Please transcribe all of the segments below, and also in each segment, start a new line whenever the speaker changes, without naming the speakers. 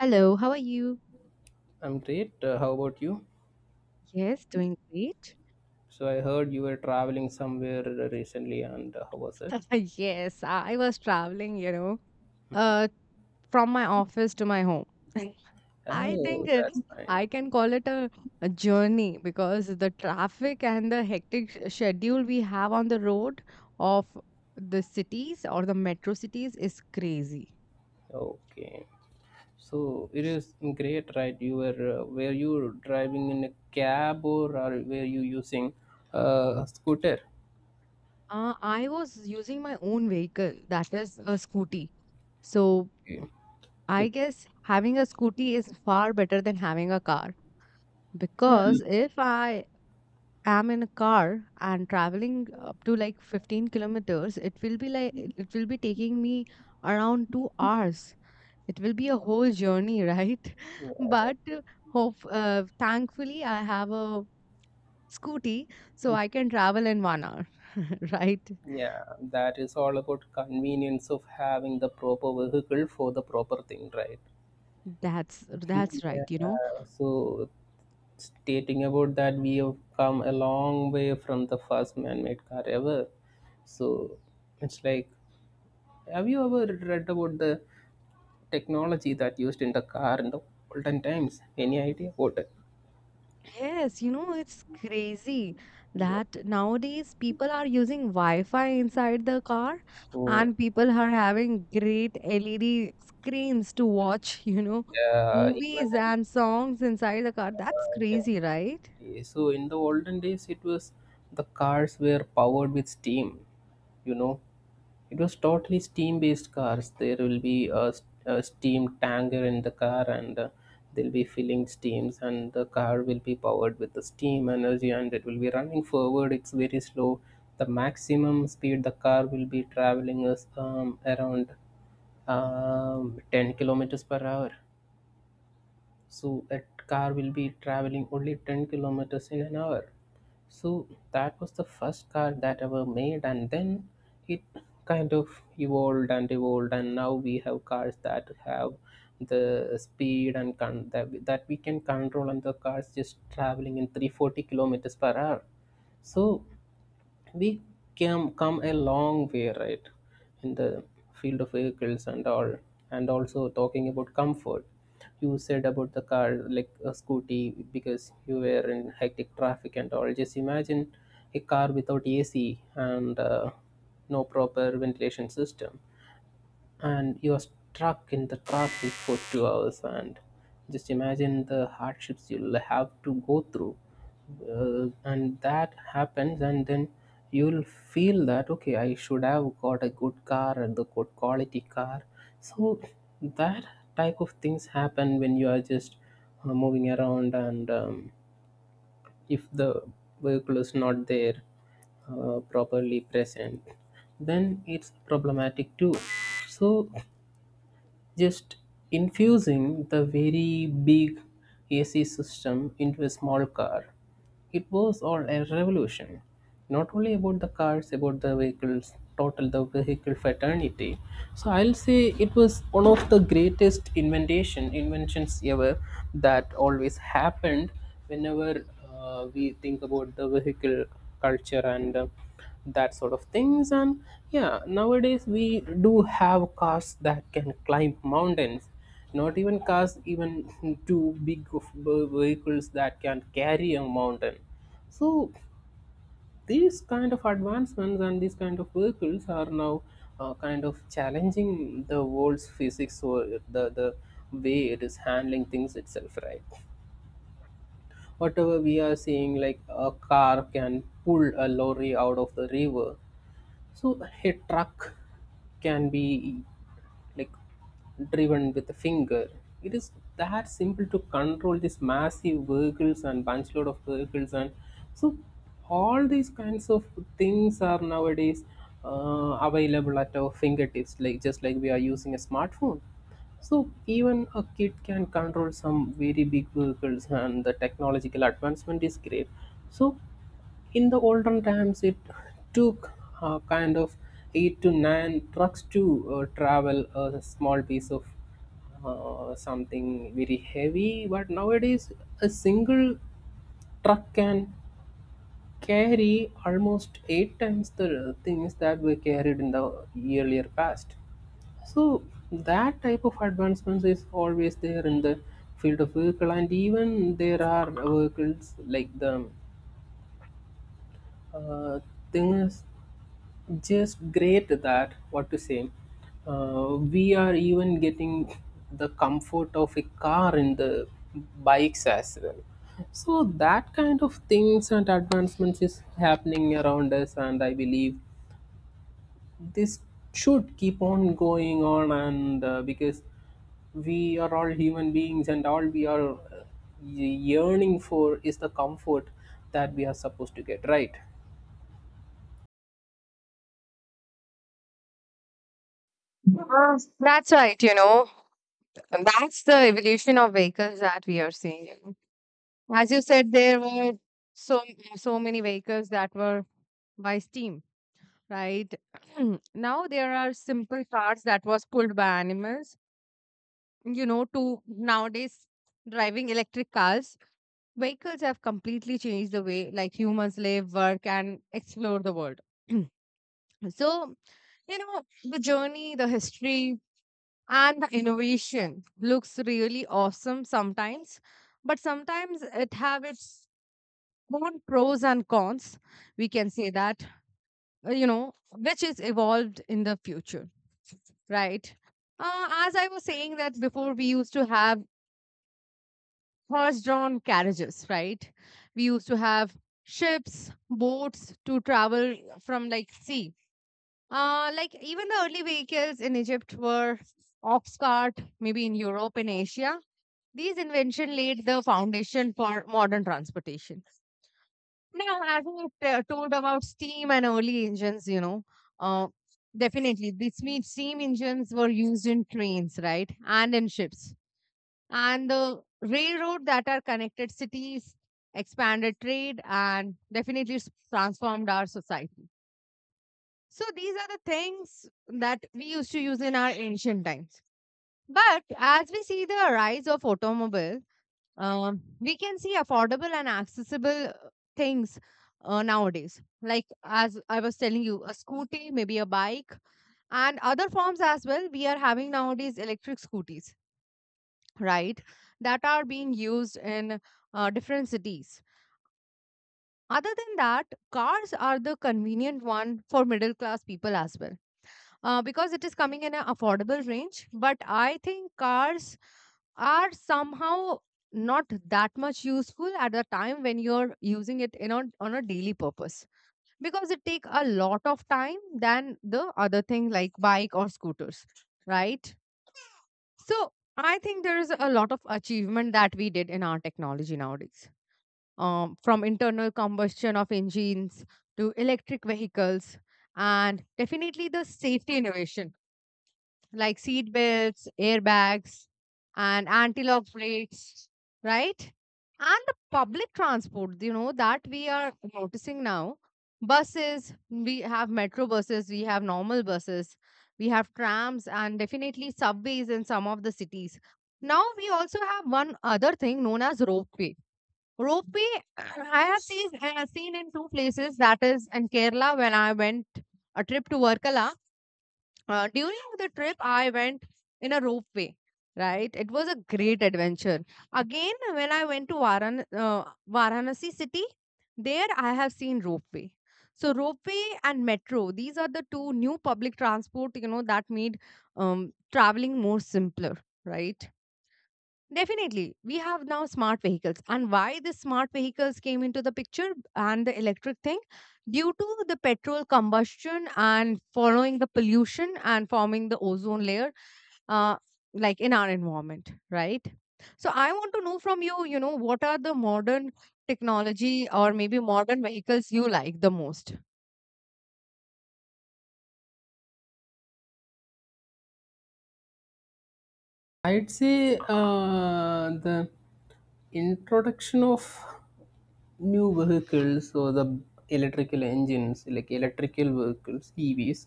Hello, how are you?
I'm great. How about you?
Yes, doing great.
So I heard you were traveling somewhere recently, and how was it?
Yes, I was travelinguh, from my office to my home. I think
Oh, that's
I
fine.
can call it a journey because the traffic and the hectic schedule we have on the road of the cities or the metro cities is crazy.
Okay. So it is great, right? You were you driving in a cab, or were you using a scooter?
I was using my own vehicle, that is a scooty. So
Okay. Yeah.
I guess having a scooty is far better than having a car.
Yeah,
Because if I am in a car and traveling up to like 15 kilometers, it will be like it will be taking me around 2 hours. It will be a whole journey, right?
right.
But hope thankfully I have a scooty, so I can travel in 1 hour, right?
Yeah, that is all about convenience of having the proper vehicle for the proper thing, right?
That's that's right, you
Yeah,
know.
so stating about that, we have come a long way from the first man-made car ever. So it's like, have you ever read about the technology that used in the car in the olden times? Any idea about it?
Yes, it's crazy
Yeah.
that nowadays people are using Wi-Fi inside the car,
Mm.
and people are having great LED screens to watch,
Yeah,
movies and songs inside the car. That's
uh,
crazy, right?
so in the olden days, it was the cars were powered with steam you know It was totally steam-based cars. There will be a steam tanker in the car, and they'll be filling steams, and the car will be powered with the steam energy, and it will be running forward. It's very slow. The maximum speed the car will be traveling is around 10 kilometers per hour, so that car will be traveling only 10 kilometers in an hour. So that was the first car that ever made, and then it kind of evolved and evolved, and now we have cars that have the speed and that we can control, and the cars just traveling in 340 kilometers per hour. So we came come a long way, right, in the field of vehicles and all. And also talking about comfort, you said about the car like a scooty because you were in hectic traffic and all. Just imagine a car without AC and no proper ventilation system, and you're stuck in the traffic for 2 hours, and just imagine the hardships you'll have to go through. And that happens, and then you'll feel that okay, I should have got a good car and the good quality car. So that type of things happen when you are just moving around, and if the vehicle is not there, properly present, then it's problematic too. So just infusing the very big AC system into a small car. It was all a revolution, not only about the cars, about the vehicles, total the vehicle fraternity. So I'll say it was one of the greatest inventions ever that always happened whenever we think about the vehicle culture, and that sort of things. And yeah, nowadays we do have cars that can climb mountains, not even cars, even two big of vehicles that can carry a mountain. So these kind of advancements and these kind of vehicles are now kind of challenging the world's physics, or the way it is handling things itself, right? Whatever we are seeing, like a car can pull a lorry out of the river, so a truck can be, like, driven with a finger. It is that simple to control these massive vehicles and bunch load of vehicles. And so all these kinds of things are nowadays available at our fingertips, like just like we are using a smartphone. So even a kid can control some very big vehicles, and the technological advancement is great. So in the olden times, it took kind of eight to nine trucks to travel a small piece of something very heavy. But nowadays, a single truck can carry almost eight times the things that were carried in the earlier past. So that type of advancements is always there in the field of vehicle. And even there are vehicles like the Uh, things, just great. That what to say, we are even getting the comfort of a car in the bikes as well. So that kind of things and advancements is happening around us, and I believe this should keep on going on. And because we are all human beings, and all we are yearning for is the comfort that we are supposed to get, right?
That's right. And that's the evolution of vehicles that we are seeing. As you said, there were so so many vehicles that were by steam, right? Now there are simple cars that was pulled by animals. You know, to nowadays driving electric cars, vehicles have completely changed the way like humans live, work, and explore the world. So the journey, the history, and the innovation looks really awesome sometimes, but sometimes it have its own pros and cons. We can say that which is evolved in the future. Right. As I was saying that before, we used to have horse-drawn carriages, right? We used to have ships, boats to travel from like sea. Like even the early vehicles in Egypt were ox cart, maybe in Europe and Asia. These invention laid the foundation for modern transportation. No, as I told about steam and early enginesuh, definitely this means steam engines were used in trains, right, and in ships, and the railroad that are connected cities expanded trade and definitely transformed our society. So these are the things that we used to use in our ancient times. But as we see the rise of automobiles. We can see affordable and accessible things nowadays. Like as I was telling you, a scooty, maybe a bike, and other forms as well. We are having nowadays electric scooties, right? That are being used in different cities. Other than that, cars are the convenient one for middle class people as well, because it is coming in an affordable range. But I think cars are somehow not that much useful at the time when you're using it in on a daily purpose because it take a lot of time than the other thing like bike or scooters, right? So I think there is a lot of achievement that we did in our technology nowadays, from internal combustion of engines to electric vehicles, and definitely the safety innovation like seat belts, airbags, and anti-lock brakes, right? And the public transport, you know, that we are noticing now. Buses, we have metro buses, we have normal buses, we have trams, and definitely subways in some of the cities. Now we also have one other thing known as ropeway. Ropeway, I have seen in two places. That is in Kerala when I went a trip to Varkala. During the trip, I went in a ropeway. Right, it was a great adventure. Again, when I went to Varanasi city, there I have seen ropeway. So ropeway and metro, these are the two new public transport, that made um, traveling more simpler, right? Definitely. We have now smart vehicles. And why the smart vehicles came into the picture and the electric thing? Due to the petrol combustion and following the pollution and forming the ozone layer, uh, like in our environment, right? So I want to know from you, what are the modern technology or maybe modern vehicles you like the most?
I'd say the introduction of new vehicles or the electrical engines, like electrical vehicles, EVs,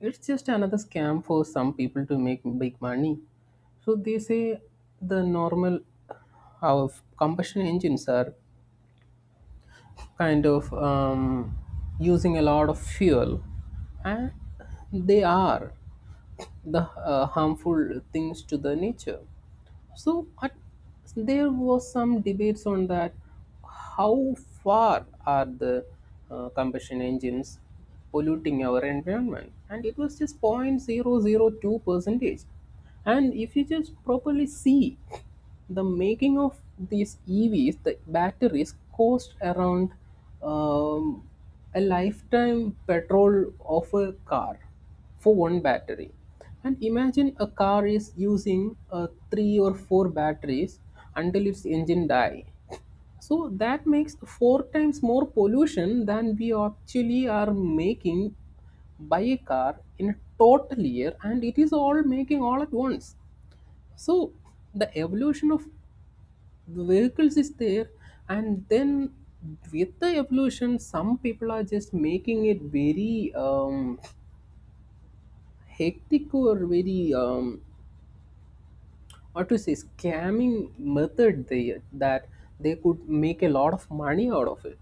it's just another scam for some people to make big money. So they say the normal, our combustion engines are kind of using a lot of fuel, and they are the harmful things to the nature. So there was some debates on that, how far are the combustion engines polluting our environment, and it was just zero point zero zero 0.002 percentage. And if you just properly see the making of these EVs, the batteries cost around um, a lifetime petrol of a car for one battery. And imagine a car is using three or four batteries until its engine die. So that makes four times more pollution than we actually are making by a car in a total year, and it is all making all at once. So the evolution of the vehicles is there, and then with the evolution, some people are just making it very hectic, or very or to say scamming method, they could make a lot of money out of it.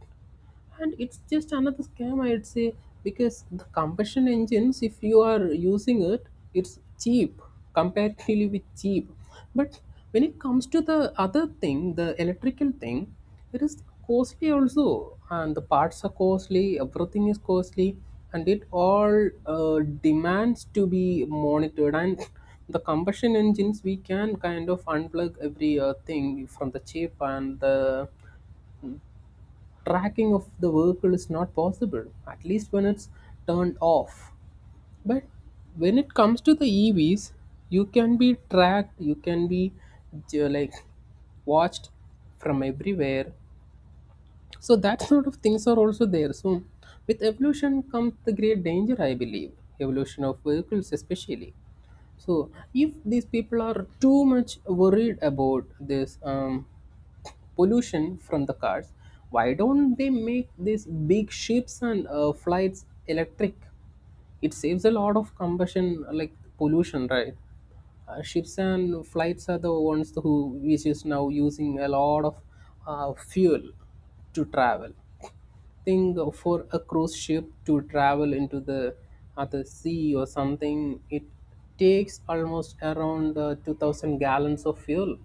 And it's just another scam, I'd say, because the combustion engines, if you are using it, it's cheap, comparatively with cheap. But when it comes to the other thing, the electrical thing, it is costly also, and the parts are costly, everything is costly, and it all demands to be monitored. And the combustion engines, we can kind of unplug every thing from the chip, and the tracking of the vehicle is not possible, at least when it's turned off. But when it comes to the EVs, you can be tracked, you can be, like watched from everywhere. So that sort of things are also there. So with evolution comes the great danger, I believe. Evolution of vehicles, especially. So if these people are too much worried about this pollution from the cars, why don't they make these big ships and flights electric? It saves a lot of combustion, like pollution, right? Ships and flights are the ones who, which is now using a lot of fuel to travel. Think, for a cruise ship to travel into the other sea or something, it takes almost around 2000 gallons of fuel.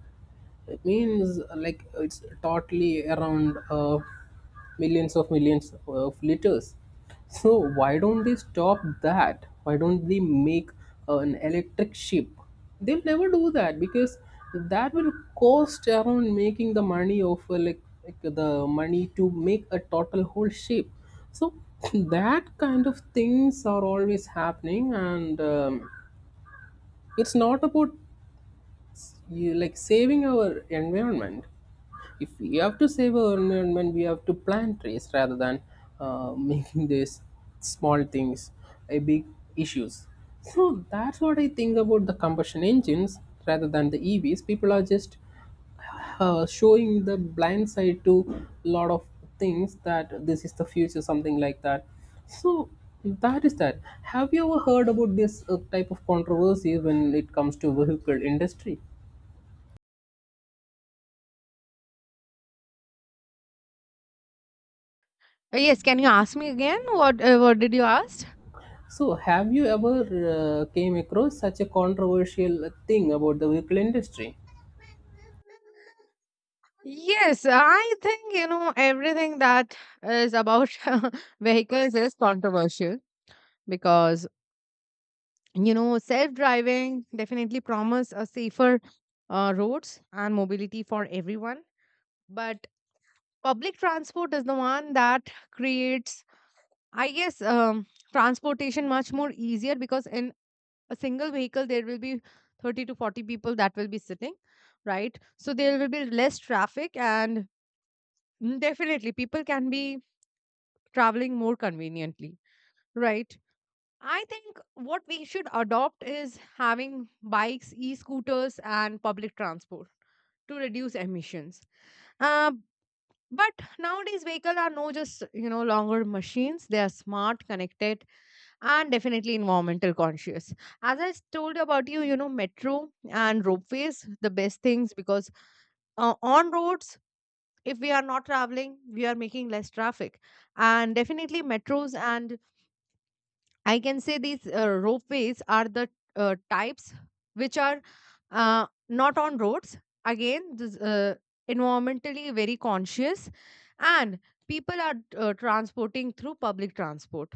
It means, like, it's totally around millions of liters. So why don't they stop that? Why don't they make an electric ship? They'll never do that because that will cost around making the money of like the money to make a total whole ship. So that kind of things are always happening, and it's not about, yes, you like saving our environment. If we have to save our environment, we have to plant trees rather than making these small things a big issues. So that's what I think about the combustion engines, rather than the EVs. People are just showing the blind side to a lot of things that this is the future, something like that. So that is that. Have you ever heard about this type of controversy when it comes to vehicle industry?
Yes, can you ask me again? What did you ask?
So, have you ever came across such a controversial thing about the vehicle industry?
Yes, I think, everything that is about vehicles is controversial because, self-driving definitely promise a safer roads and mobility for everyone. But public transport is the one that creates, I guess, transportation much more easier because in a single vehicle, there will be 30 to 40 people that will be sitting, right? So there will be less traffic, and definitely people can be traveling more conveniently, right? I think what we should adopt is having bikes, e scooters, and public transport to reduce emissions. Uh, but nowadays, vehicles are no just longer machines. They are smart, connected, and definitely environmental conscious. As I told about you, you know metro and ropeways, the best things because on roads, if we are not traveling, we are making less traffic, and definitely metros and I can say these ropeways are the types which are not on roads. Again, this, environmentally very conscious, and people are transporting through public transport.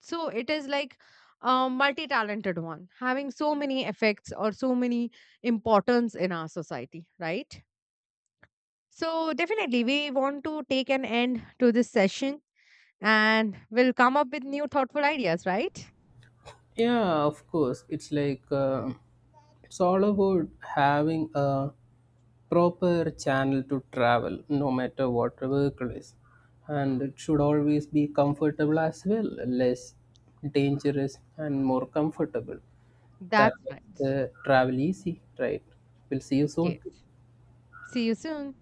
So it is like a multi-talented one, having so many effects or so many importance in our society, right? So definitely, we want to take an end to this session, and we'll come up with new thoughtful ideas, right?
Yeah, of course. It's like, it's all about having a proper channel to travel, no matter what the vehicle is, and it should always be comfortable as well, less dangerous and more comfortable. That
That's
makes
right.
the travel easy, right? We'll see you soon.
Yes. See you soon.